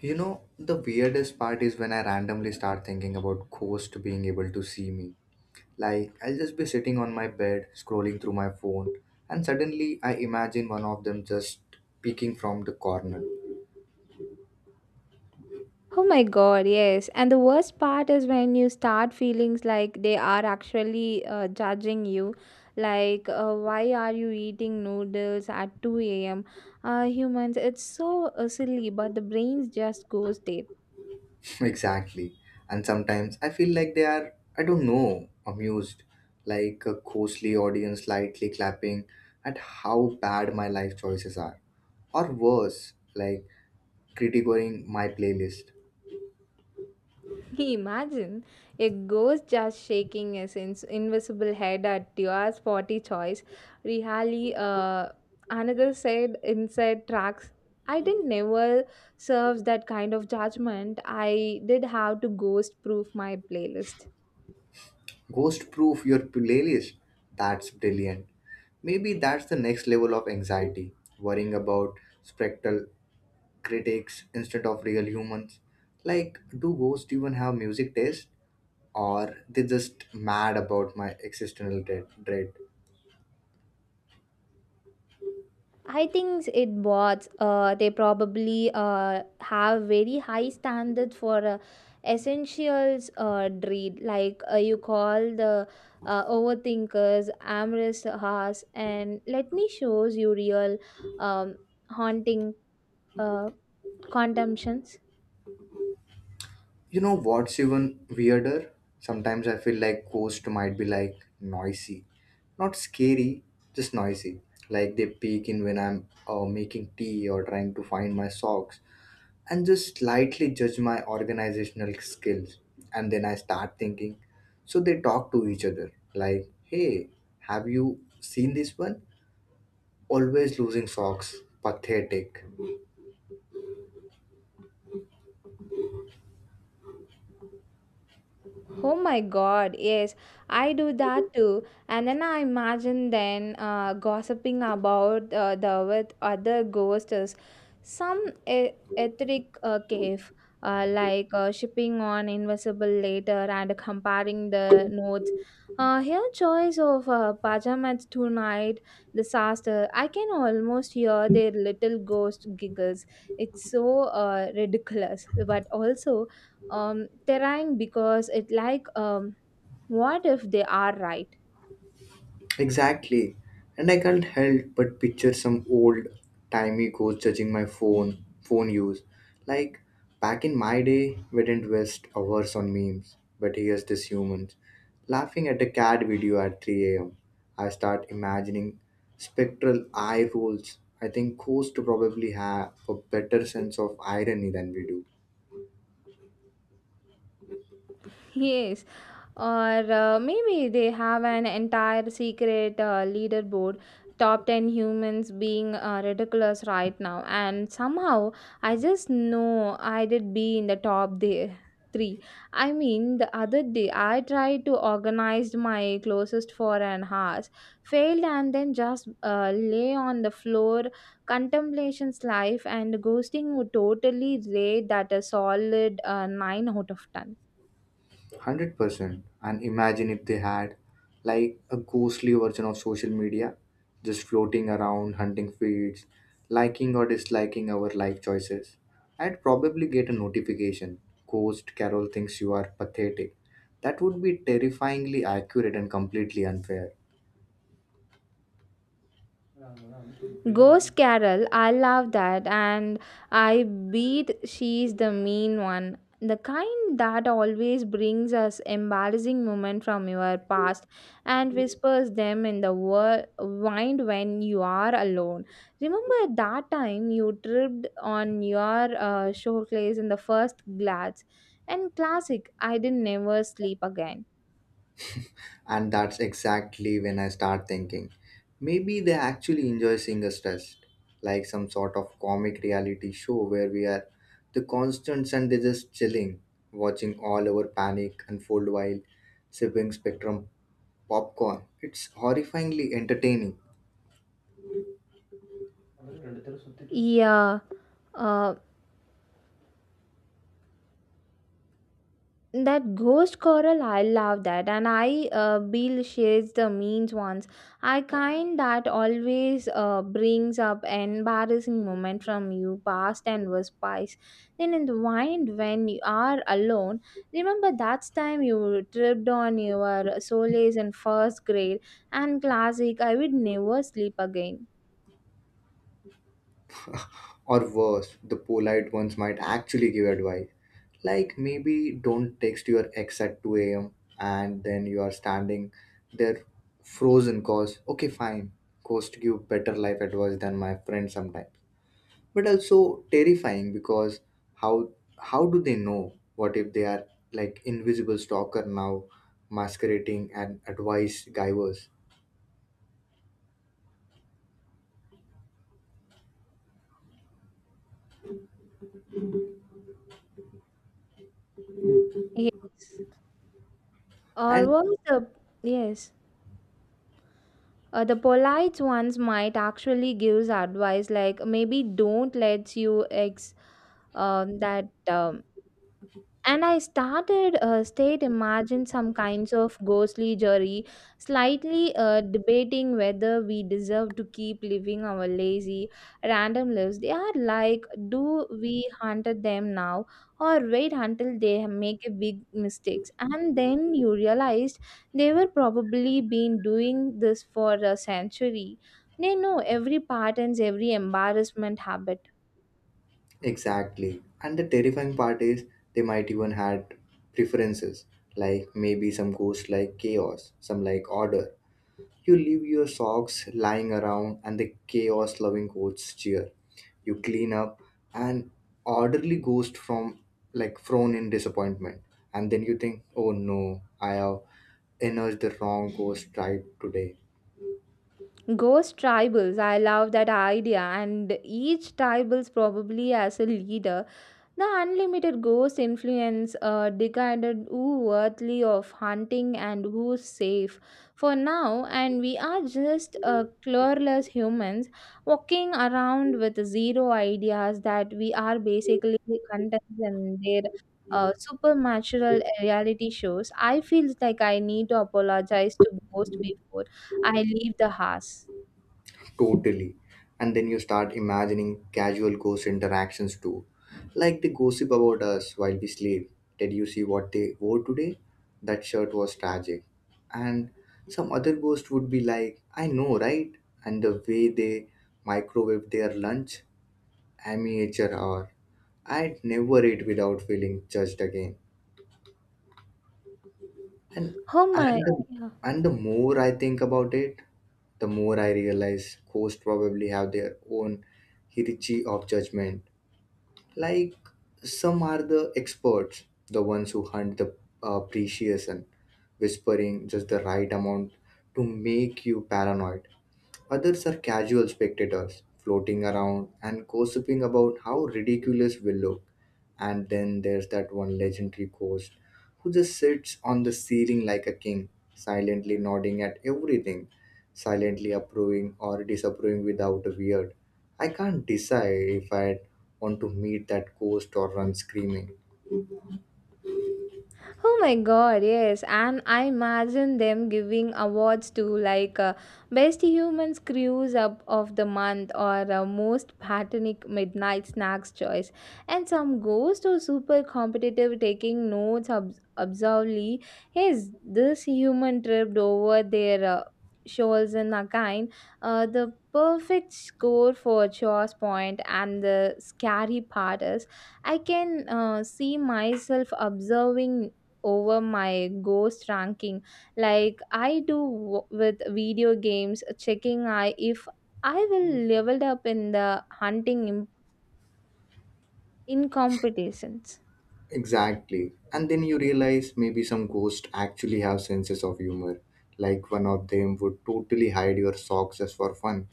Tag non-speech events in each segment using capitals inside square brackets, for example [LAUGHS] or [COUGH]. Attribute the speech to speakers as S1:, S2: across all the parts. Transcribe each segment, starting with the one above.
S1: You know, the weirdest part is when I randomly start thinking about ghost being able to see me. Like, I'll just be sitting on my bed, scrolling through my phone, and suddenly I imagine one of them just peeking from the corner.
S2: Oh my god, yes. And the worst part is when you start feelings like they are actually judging you. Why are you eating noodles at 2 a.m.? Humans, it's so silly, but the brain just goes there.
S1: [LAUGHS] Exactly. And sometimes I feel like they are, I don't know, amused. Like a ghostly audience slightly clapping at how bad my life choices are. Or worse, like critiquing my playlist.
S2: [LAUGHS] Imagine a ghost just shaking his ins invisible head at your spotty choice. Really, another said inside tracks. I didn't never serves that kind of judgment. I did have to ghost proof my playlist.
S1: Ghost proof your playlist. That's brilliant. Maybe that's the next level of anxiety, worrying about spectral critics instead of real humans. Like, do ghosts even have music taste? Or they just mad about my existential dread?
S2: I think it bots. They probably have very high standard for essentials dread. Like you call the overthinkers, amorous hearts, and let me shows you real um, haunting uh, contemptions.
S1: You know what's even weirder? Sometimes I feel like ghosts might be like noisy. Not scary, just noisy. Like they peek in when I'm making tea or trying to find my socks and just lightly judge my organizational skills. And then I start thinking, so they talk to each other like, hey, have you seen this one? Always losing socks, pathetic.
S2: Oh my God, yes, I do that too. And then I imagine then gossiping about the with other ghosts, some etheric cave, like shipping on invisible later and comparing the notes. Her choice of pajamas tonight disaster. I can almost hear their little ghost giggles. It's so ridiculous, but also terrifying because it like what if they are right.
S1: Exactly. And I can't help but picture some old timey ghost judging my phone use. Like back in my day, we didn't waste hours on memes, but here's this humans laughing at a cat video at 3 a.m. I start imagining spectral eye rolls. I think ghosts probably have a better sense of irony than we do.
S2: [LAUGHS] Yes, or maybe they have an entire secret leaderboard top 10 humans being ridiculous right now, and somehow I just know I did be in the top there. Three. I mean, the other day I tried to organize my closest for an hour, failed, and then just lay on the floor, contemplation's life, and ghosting would totally rate that a solid nine out of ten.
S1: 100%. And imagine if they had like a ghostly version of social media, just floating around, hunting feeds, liking or disliking our life choices. I'd probably get a notification Ghost Carol thinks you are pathetic. That would be terrifyingly accurate and completely unfair.
S2: Ghost Carol, I love that, and I beat she's the mean one. The kind that always brings us embarrassing moments from your past and whispers them in the wind when you are alone. Remember that time you tripped on your showcase in the first glance? And classic, I didn't never sleep again.
S1: And that's exactly when I start thinking maybe they actually enjoy seeing us stressed, like some sort of comic reality show where we are the constants and they're just chilling, watching all our panic unfold while sipping spectrum popcorn. It's horrifyingly entertaining.
S2: [LAUGHS] Yeah, uh, that ghost coral I love that and I bill shares the means ones I kind that always brings up embarrassing moment from you past and was spice then in the wind when you are alone. Remember that time you tripped on your soles in first grade and classic I would never sleep again.
S1: Or worse, the polite ones might actually give advice. Like maybe don't text your ex at 2 a.m. and then you are standing there frozen cause, okay, fine, cost give better life advice than my friend sometimes. But also terrifying because how how do they know? What if they are like invisible stalker now masquerading and advice givers?
S2: Ye- or
S1: And
S2: what was the yes. The polite ones might actually gives advice like maybe don't let you ex that and I started state imagine some kinds of ghostly jury, slightly debating whether we deserve to keep living our lazy, random lives. They are like, do we hunted them now or wait until they make a big mistakes? And then you realized they were probably been doing this for a century. They know every patterns, every embarrassment habit.
S1: exactly. And the terrifying part is they might even had preferences, like maybe some ghosts like chaos, some like order. You leave your socks lying around and the chaos loving ghosts cheer. You clean up an orderly ghost from like frown in disappointment. And then you think, oh no, I have energized the wrong ghost tribe today.
S2: Ghost tribals, I love that idea, and each tribals probably has a leader. The unlimited ghost influence decided who worthy of hunting and who's safe for now, and we are just clueless humans walking around with zero ideas that we are basically contents in their supernatural reality shows. I feel like I need to apologize to ghost before I leave the house.
S1: Totally. And then you start imagining casual ghost interactions too. Like they gossip about us while we sleep. Did you see what they wore today? That shirt was tragic. And some other ghost would be like, I know, right? And the way they microwave their lunch, amateur hour. I'd never eat without feeling judged again. And
S2: Oh my
S1: and the,
S2: yeah.
S1: and the more I think about it, the more I realize ghosts probably have their own hierarchy of judgment. Like some are the experts, the ones who hunt the precious and whispering just the right amount to make you paranoid. Others are casual spectators, floating around and gossiping about how ridiculous we look. And then there's that one legendary ghost who just sits on the ceiling like a king, silently nodding at everything, silently approving or disapproving without a word. I can't decide if I want to meet that ghost or run screaming.
S2: Oh my god, yes. And I imagine them giving awards to like best human screws up of the month or most patronic midnight snacks choice. And some ghost or super competitive taking notes observably. Yes, this human tripped over their shoulders in a kind. The perfect score for choice point and the scary part is I can see myself observing over my ghost ranking like I do with video games checking I if I will leveled up in the hunting in competitions.
S1: Exactly. And then you realize maybe some ghosts actually have senses of humor. Like one of them would totally hide your socks just for fun,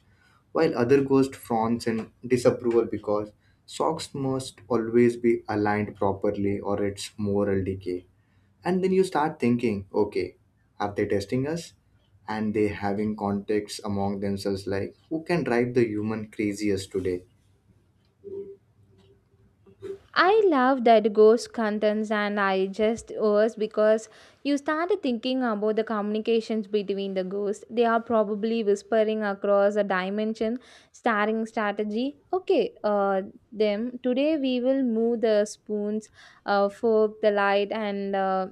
S1: while other ghost frowns in disapproval because socks must always be aligned properly or it's moral decay. And then you start thinking, okay, are they testing us? And they having contacts among themselves like who can drive the human craziest today?
S2: I love that ghost contents and I just was because you started thinking about the communications between the ghosts they are probably whispering across a dimension starring strategy okay them today we will move the spoons fork the light and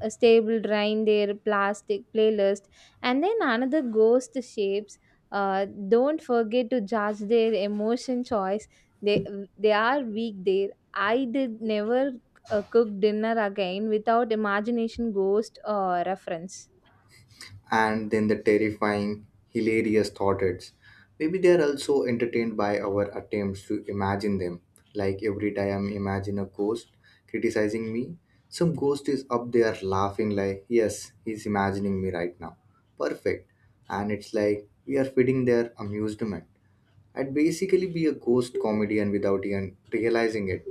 S2: a stable drain their plastic playlist and then another ghost shapes uh, don't forget to judge their emotion choice they they are weak there I did never cook dinner again without imagination ghost reference.
S1: And then the terrifying, hilarious thought hits. Maybe they are also entertained by our attempts to imagine them. Like every time I imagine a ghost criticizing me, some ghost is up there laughing like, yes, he's imagining me right now. Perfect. And it's like we are feeding their amusement. I'd basically be a ghost comedian without even realizing it.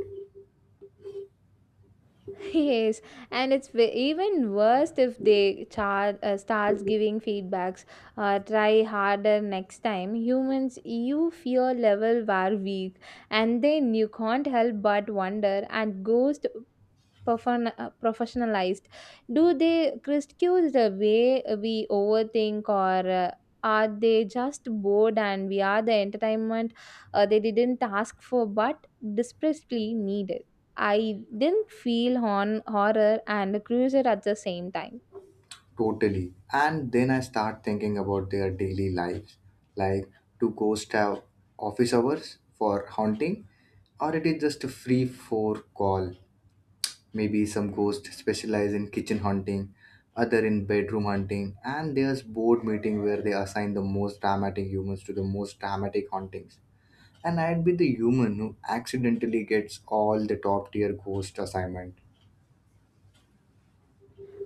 S2: [LAUGHS] Yes, and it's even worse if they starts giving feedbacks. Try harder next time. Humans, you fear level were weak, and then you can't help but wonder. And ghost Profan professionalized, do they critique the way we overthink or are they just bored and we are the entertainment they didn't ask for but desperately needed. I didn't feel horror and cruiser at the same time.
S1: Totally. And then I start thinking about their daily lives. Like, do ghosts have office hours for haunting? Or it is just a free for call? Maybe some ghosts specialize in kitchen haunting, other in bedroom hunting, and there's board meeting where they assign the most dramatic humans to the most dramatic hauntings. And I'd be the human who accidentally gets all the top tier ghost assignment.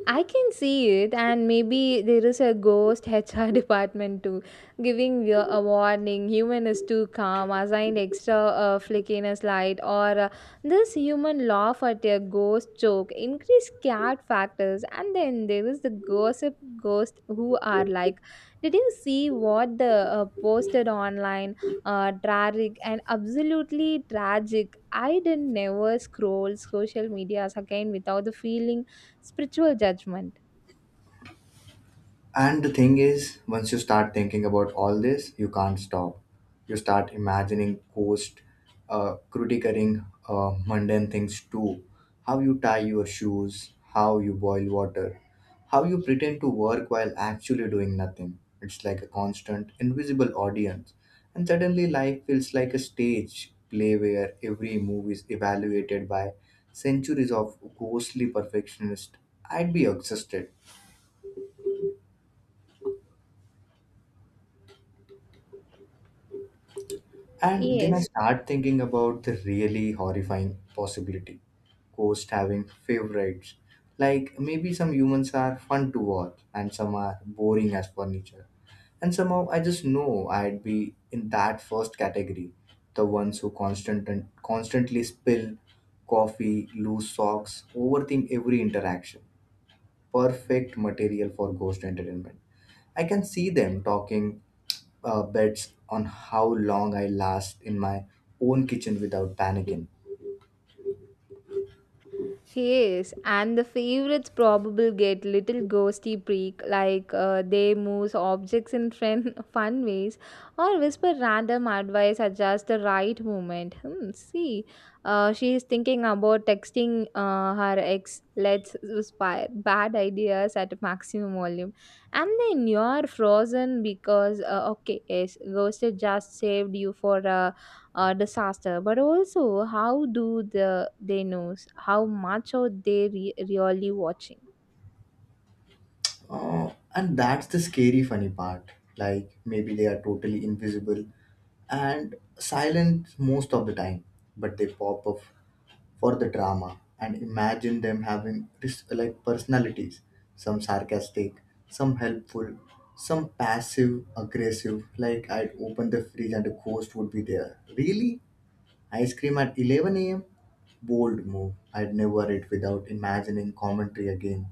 S2: I can see it, and maybe there is a ghost [LAUGHS] HR department too, giving you a warning. Human is too calm, assigned extra flickiness light, or this human laugh at a ghost joke, increase cat factors, and then there is the gossip ghost who are like, did you see what the posted online? Tragic and absolutely tragic. I didn't never scroll social medias again without the feeling spiritual judgment.
S1: And the thing is, once you start thinking about all this, you can't stop. You start imagining ghosts, critiquing mundane things too. How you tie your shoes, how you boil water, how you pretend to work while actually doing nothing. It's like a constant, invisible audience. And suddenly life feels like a stage play where every move is evaluated by centuries of ghostly perfectionists. I'd be exhausted. And then I
S2: Yes.
S1: start thinking about the really horrifying possibility ghosts having favorites. Like maybe some humans are fun to watch and some are boring as furniture. And somehow I just know I'd be in that first category the ones who constant and constantly spill coffee, lose socks, overthink every interaction. Perfect material for ghost entertainment. I can see them talking bets on how long I last in my own kitchen without panicking.
S2: Yes, and the favorites probably get little ghosty prick, like they move objects in friend, [LAUGHS] fun ways or whisper random advice at just the right moment. Hmm, see, she is thinking about texting her ex. Let's spy bad ideas at maximum volume, and then you're frozen because okay, yes, ghosted just saved you for a disaster but also how do the they knows how much are they really watching.
S1: And that's the scary, funny part. Like, maybe they are totally invisible and silent most of the time, but they pop up for the drama. And imagine them having this, like personalities some sarcastic, some helpful, some passive aggressive. Like, I'd open the fridge and a ghost would be there. Really? Ice cream at 11 a.m.? Bold move. I'd never eat without imagining commentary again.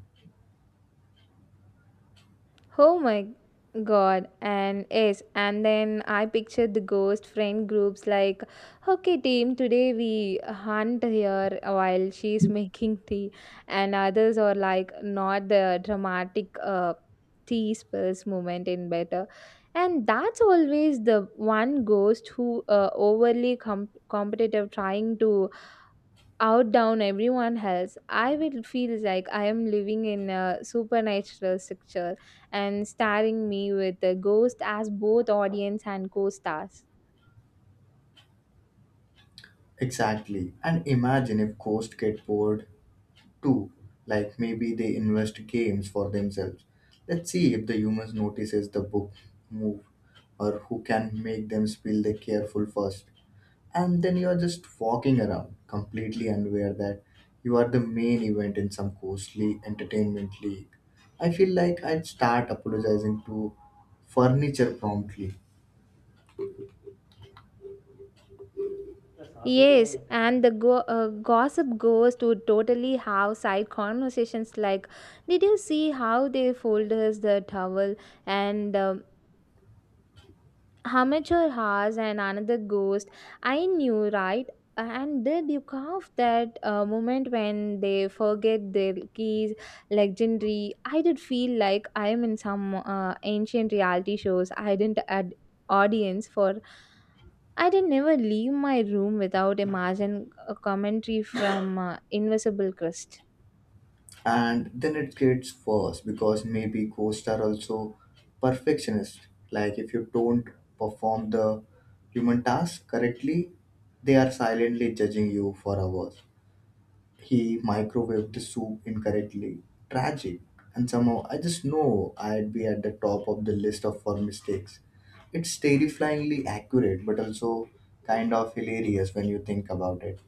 S2: Oh my god, and yes, and then I pictured the ghost friend groups like okay team today we hunt here while she's [LAUGHS] making tea and others are like not the dramatic tea spills moment in better and that's always the one ghost who overly competitive trying to out down everyone else. I will feel like I am living in a supernatural structure and starring me with a ghost as both audience and co-stars.
S1: Exactly. And imagine if ghosts get bored too. Like maybe they invest games for themselves. Let's see if the humans notices the book move or who can make them spill the careful first. And then you are just walking around completely unaware that you are the main event in some costly entertainment league. I feel like I'd start apologizing to furniture promptly,
S2: Yes, and the gossip ghost would totally have side conversations like, did you see how they folded the towel? And amateur has and another ghost. I knew, right? And did you carve that moment when they forget their keys? Legendary. I did feel like I am in some ancient reality shows. I didn't add audience for. I did never leave my room without imagine a commentary from Invisible Crust.
S1: and then it gets worse because maybe ghosts are also perfectionist. Like if you don't perform the human task correctly, they are silently judging you for hours. He microwaved the soup incorrectly. Tragic. And somehow I just know I'd be at the top of the list of for mistakes. It's terrifyingly accurate but also kind of hilarious when you think about it.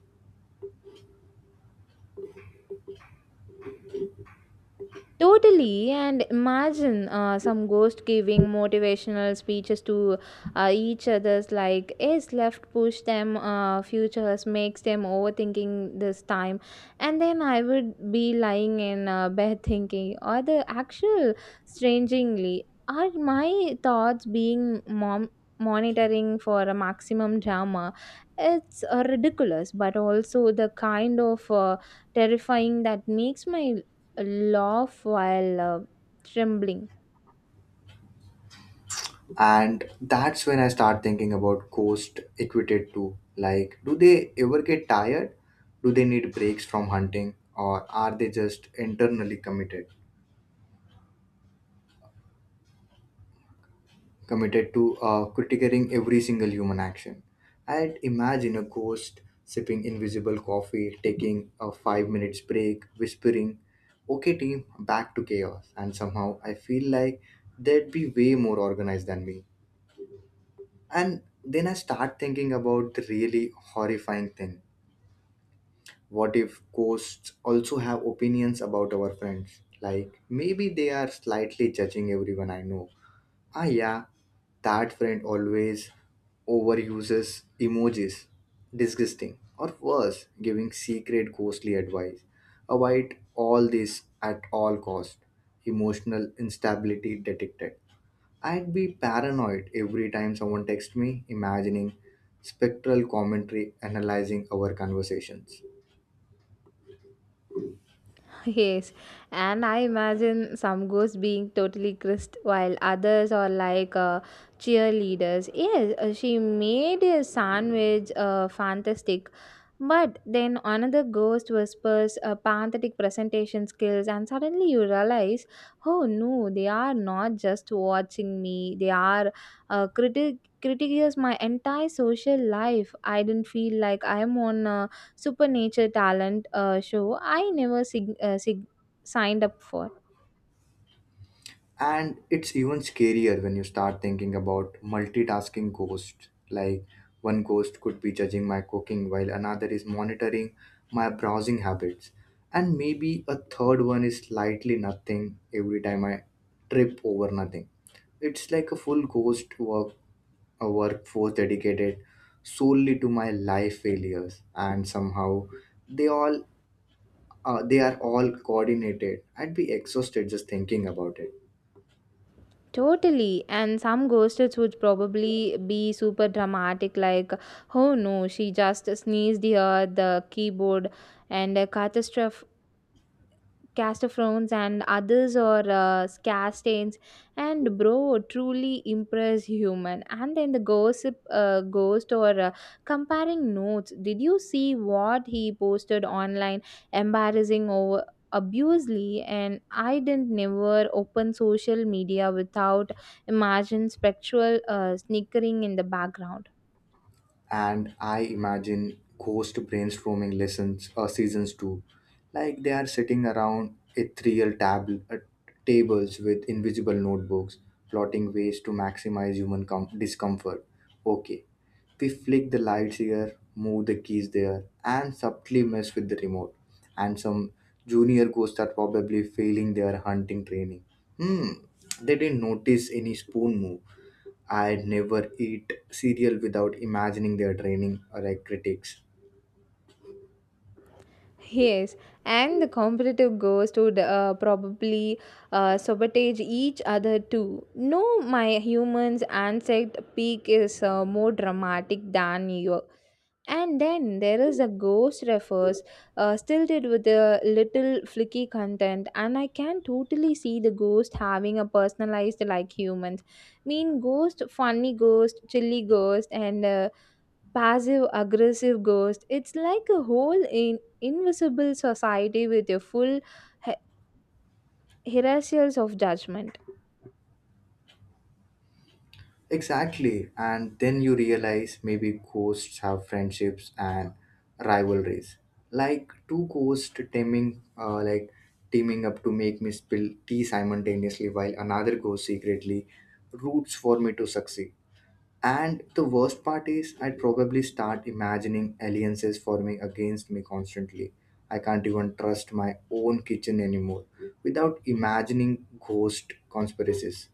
S2: Totally, and imagine some ghost giving motivational speeches to each others like is left push them futures makes them overthinking this time, and then I would be lying in bed thinking or the actual strangely are my thoughts being mom monitoring for a maximum drama. It's ridiculous, but also the kind of terrifying that makes my laugh while trembling.
S1: And that's when I start thinking about ghost equated to like, do they ever get tired? Do they need breaks from hunting? Or are they just internally committed to critiquing every single human action. I'd imagine a ghost sipping invisible coffee, taking a 5 minutes break, whispering, okay, team, back to chaos. And somehow I feel like they'd be way more organized than me. And then I start thinking about the really horrifying thing. What if ghosts also have opinions about our friends? Like, maybe they are slightly judging everyone I know. Ah, yeah, that friend always overuses emojis. Disgusting. Or worse, giving secret ghostly advice. Avoid all this at all cost. Emotional instability detected. I'd be paranoid every time someone texts me, imagining spectral commentary analyzing our conversations.
S2: [LAUGHS] Yes, and I imagine some ghosts being totally crisp while others are like cheerleaders. Yes, she made a sandwich fantastic. But then another ghost whispers pathetic presentation skills, and suddenly you realize, oh no, they are not just watching me, they are critic critiques my entire social life. I didn't feel like I am on a supernature talent show I never signed up for.
S1: And it's even scarier when you start thinking about multitasking ghosts. Like, one ghost could be judging my cooking while another is monitoring my browsing habits. And maybe a third one is slightly nothing every time I trip over nothing. It's like a full ghost work, a workforce dedicated solely to my life failures. And somehow they all they are all coordinated. I'd be exhausted just thinking about it.
S2: Totally, and some ghosted would probably be super dramatic, like, oh no, she just sneezed here, the keyboard, and a catastrophe Castaphrones and others or Castanes and bro truly impress human and then the gossip ghost or comparing notes did you see what he posted online embarrassing over abusely and I didn't never open social media without imagine spectral snickering in the background.
S1: And I imagine ghost brainstorming lessons or seasons too. Like they are sitting around ethereal tables with invisible notebooks, plotting ways to maximize human discomfort. Okay, we flick the lights here, move the keys there, and subtly mess with the remote. And some junior ghosts are probably failing their hunting training. Hmm, they didn't notice any spoon move. I'd never eat cereal without imagining their training or like critics.
S2: Yes, and the competitive ghost would probably sabotage each other too. No, my human's insect peak is more dramatic than your. And then there is a ghost refers, stilted with a little flicky content, and I can totally see the ghost having a personalized like humans. Mean ghost, funny ghost, chilly ghost, and passive aggressive ghost. It's like a whole in invisible society with a full he- hierarchies of judgment.
S1: Exactly. And then you realize maybe ghosts have friendships and rivalries. Like like teaming up to make me spill tea simultaneously, while another ghost secretly roots for me to succeed. And the worst part is, I'd probably start imagining alliances forming against me constantly. I can't even trust my own kitchen anymore without imagining ghost conspiracies.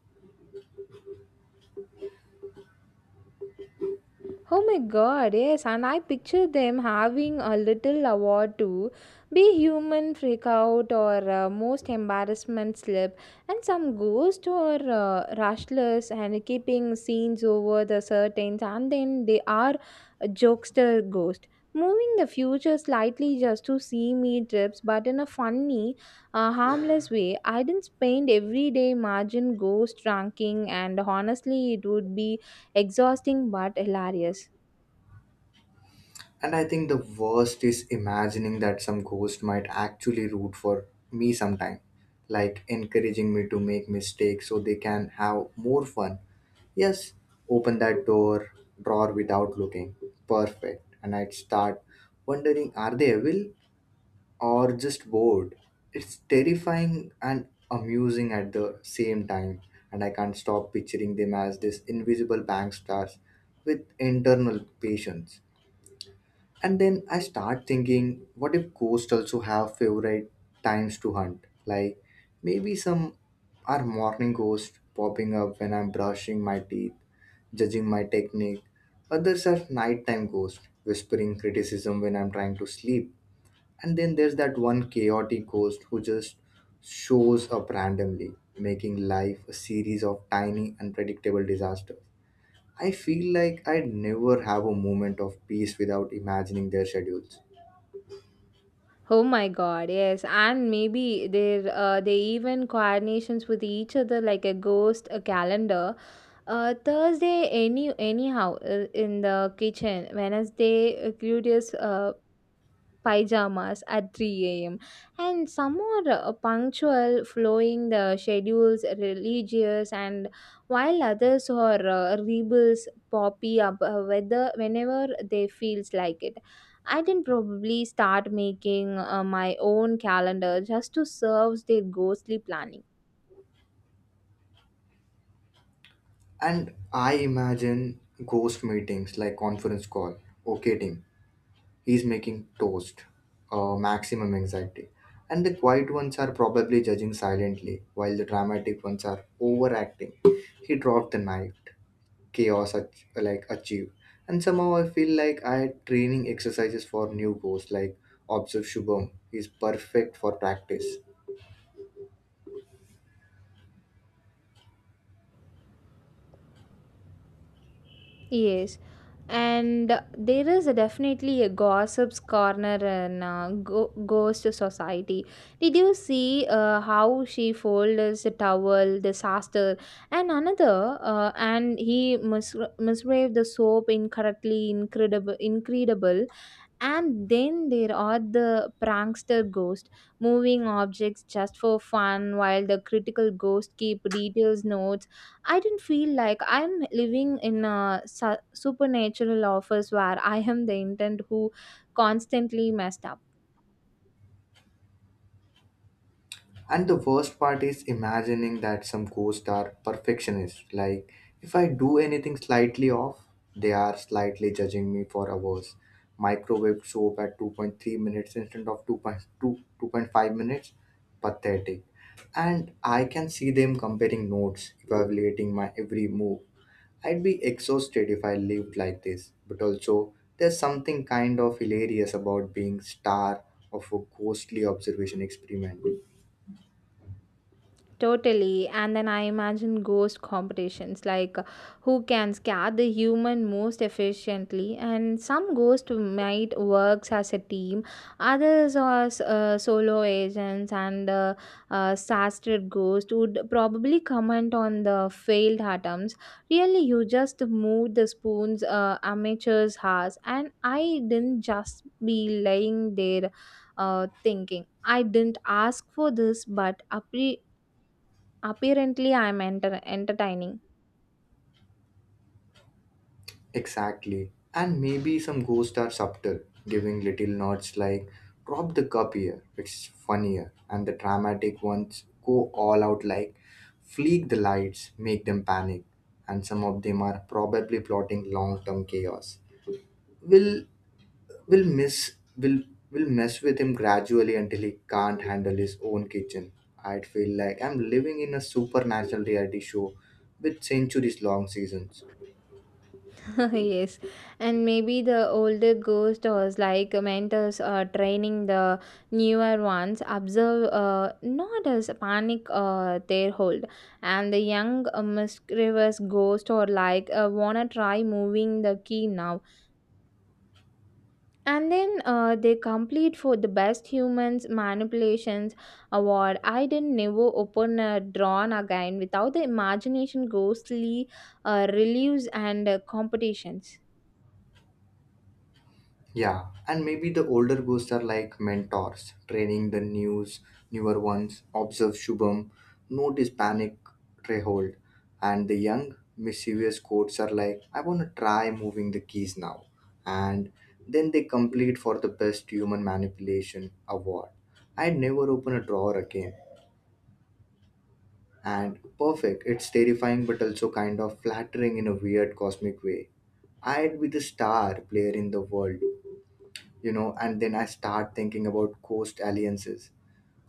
S2: Oh my god, yes, and I picture them having a little award too. Be human freak out or most embarrassment slip, and some ghost or rustlers and keeping scenes over the curtains, and then they are a jokester ghost. Moving the future slightly just to see me trips, but in a funny, harmless way. I didn't spend everyday margin ghost ranking, and honestly, it would be exhausting but hilarious.
S1: And I think the worst is imagining that some ghost might actually root for me sometime, like encouraging me to make mistakes so they can have more fun. Yes, open that door, drawer without looking. Perfect. And I'd start wondering are they evil or just bored. It's terrifying and amusing at the same time, and I can't stop picturing them as these invisible bank stars with internal patience. And then I start thinking, what if ghosts also have favorite times to hunt? Like maybe some are morning ghosts popping up when I'm brushing my teeth, judging my technique. Others are nighttime ghosts whispering criticism when I'm trying to sleep, and then there's that one chaotic ghost who just shows up randomly, making life a series of tiny, unpredictable disasters. I feel like I'd never have a moment of peace without imagining their schedules.
S2: Oh my god, yes. And maybe they even coordinations with each other like a ghost a calendar. Thursday anyhow in the kitchen. Wednesday curious pajamas at 3 a.m. And some are punctual, following the schedules, religious, and while others are rebels, poppy up whether whenever they feels like it. I can probably start making my own calendar just to serve their ghostly planning.
S1: And I imagine ghost meetings like conference call. Okay, team, he's making toast, maximum anxiety. And the quiet ones are probably judging silently, while the dramatic ones are overacting. He dropped the knife. Chaos like achieve. And somehow I feel like I had training exercises for new goals like observe Shubham is perfect for practice.
S2: Yes, and there is definitely a gossips corner in ghost society. Did you see how she folds the towel disaster and another and he misraved the soap incorrectly incredible and then there are the prankster ghost, moving objects just for fun while the critical ghost keep details notes. I didn't feel like I'm living in a supernatural office where I am the intent who constantly messed up.
S1: And the worst part is imagining that some ghosts are perfectionists. Like if I do anything slightly off, they are slightly judging me for hours. Microwave soap at 2.3 minutes instead of two point 5 minutes. Pathetic. And I can see them comparing notes, evaluating my every move. I'd be exhausted if I lived like this, but also there's something kind of hilarious about being star of a ghostly observation experiment.
S2: Totally. And then I imagine ghost competitions like who can scare the human most efficiently. And some ghost might works as a team, others are solo agents. And disaster ghost would probably comment on the failed attempts. Really, you just moved the spoons amateurs has, and I didn't just be lying there thinking. I didn't ask for this, but apparently, I'm entertaining.
S1: Exactly. And maybe some ghosts are subtle, giving little nods like drop the cup here, it's funnier. And the dramatic ones go all out like flick the lights, make them panic. And some of them are probably plotting long term chaos. Will will miss will mess with him gradually until he can't handle his own kitchen. I'd feel like I'm living in a supernatural reality show with centuries long seasons.
S2: [LAUGHS] Yes. And maybe the older ghost was like mentors training the newer ones, observe not as panic their hold. And the young mischievous ghost or like wanna try moving the key now and then they complete for the best humans manipulations award. I didn't never open a drawn again without the imagination ghostly reliefs and competitions.
S1: Yeah, and maybe the older ghosts are like mentors, training the newer ones, observe Shubham, notice panic, hold. And the young, mischievous goats are like, I want to try moving the keys now. And then they complete for the best human manipulation award. I'd never open a drawer again. And perfect, it's terrifying but also kind of flattering in a weird cosmic way. I'd be the star player in the world. You know, and then I start thinking about ghost alliances,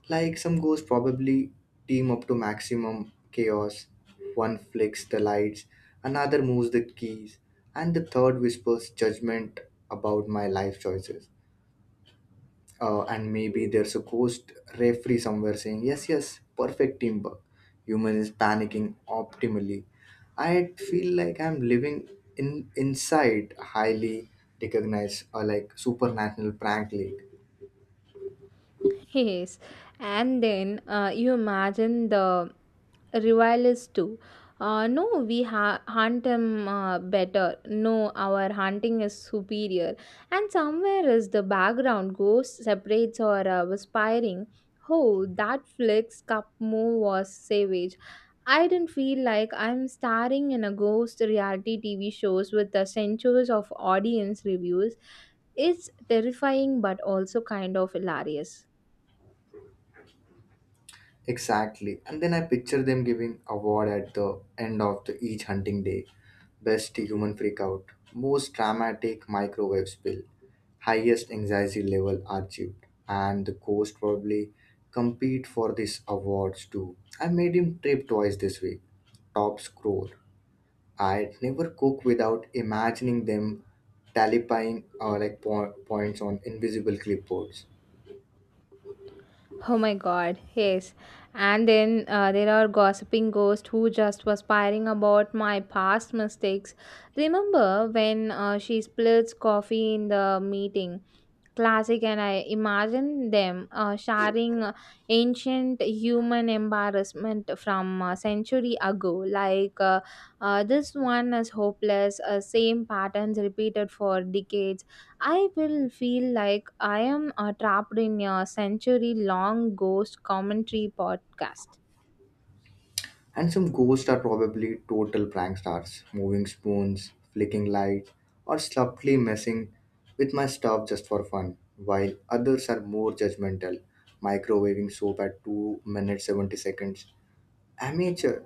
S1: like some ghosts probably team up to maximum chaos. One flicks the lights, another moves the keys, and the third whispers judgment about my life choices. And maybe there's a ghost referee somewhere saying, yes, yes, perfect teamwork, human is panicking optimally. I feel like I'm living in inside highly recognized or like supernatural prank league.
S2: Yes, and then you imagine the rivals too. No, we hunt him better. No, our hunting is superior. And somewhere is the background ghost separates or whispering. Oh, that flicks cup move was savage. I didn't feel like I'm starring in a ghost reality TV shows with the centuries of audience reviews. It's terrifying but also kind of hilarious.
S1: Exactly. And then I picture them giving award at the end of the each hunting day. Best human freakout, most dramatic microwave spill, highest anxiety level achieved, and the ghost probably compete for these awards too. I made him trip twice this week. Top score. I never cook without imagining them tallying like points on invisible clipboards.
S2: Oh my god, yes. And then there are gossiping ghosts who just was prying about my past mistakes. Remember when she splits coffee in the meeting? Classic, and I imagine them sharing ancient human embarrassment from a century ago. Like, this one is hopeless, same patterns repeated for decades. I will feel like I am trapped in a century long ghost commentary podcast.
S1: And some ghosts are probably total prank stars, moving spoons, flicking light, or subtly messing with my stuff just for fun, while others are more judgmental, microwaving soap at 2 minutes 70 seconds. Amateur.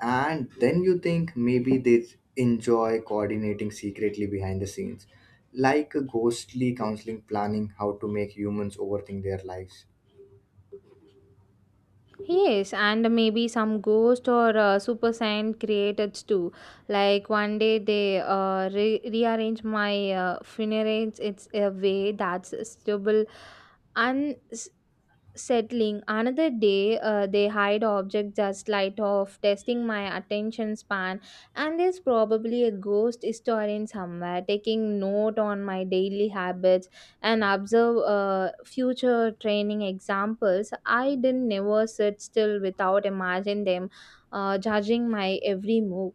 S1: And then you think maybe they enjoy coordinating secretly behind the scenes, like a ghostly counseling planning how to make humans overthink their lives.
S2: Yes, and maybe some ghost or super saiyan created too. Like one day they rearrange my funerals. It's a way that's stable, un- settling. Another day, they hide objects just light off, testing my attention span. And there's probably a ghost historian somewhere taking note on my daily habits and observe future training examples. I didn't never sit still without imagine them judging my every move.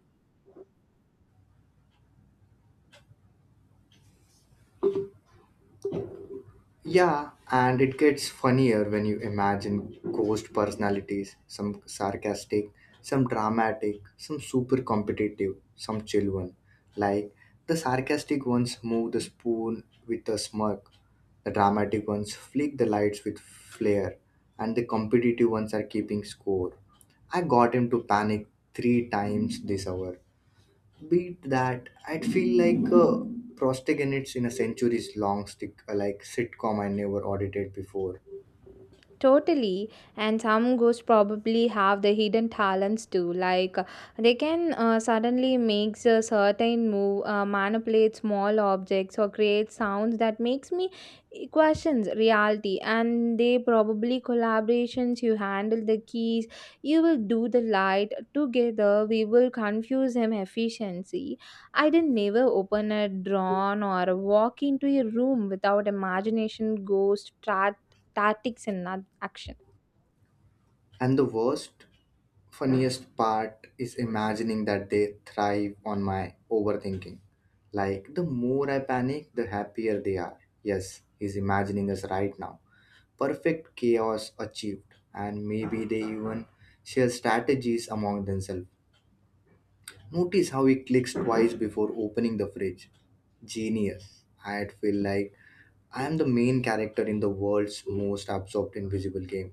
S1: Yeah, and it gets funnier when you imagine ghost personalities, some sarcastic, some dramatic, some super competitive, some chill one. Like the sarcastic ones move the spoon with a smirk, the dramatic ones flick the lights with flair, and the competitive ones are keeping score. I got him to panic three times this hour. Beat that. I'd feel like prostagenids in a centuries long stick sitcom I never audited before.
S2: Totally, and some ghosts probably have the hidden talents too. Like they can suddenly make a certain move, manipulate small objects, or create sounds that makes me questions reality. And they probably collaborations. You handle the keys. You will do the light together. We will confuse him efficiency. I didn't never open a drawn or walk into a room without imagination ghost tactics and not action.
S1: And the worst, funniest part is imagining that they thrive on my overthinking. Like the more I panic, the happier they are. Yes, he's imagining us right now. Perfect chaos achieved. And maybe they even share strategies among themselves. Notice how he clicks twice before opening the fridge. Genius. I'd feel like I am the main character in the world's most absorbed invisible game.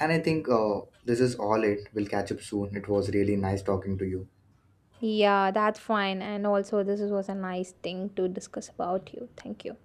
S1: And I think this is all it. We'll catch up soon. It was really nice talking to you.
S2: Yeah, that's fine. And also, this was a nice thing to discuss about you. Thank you.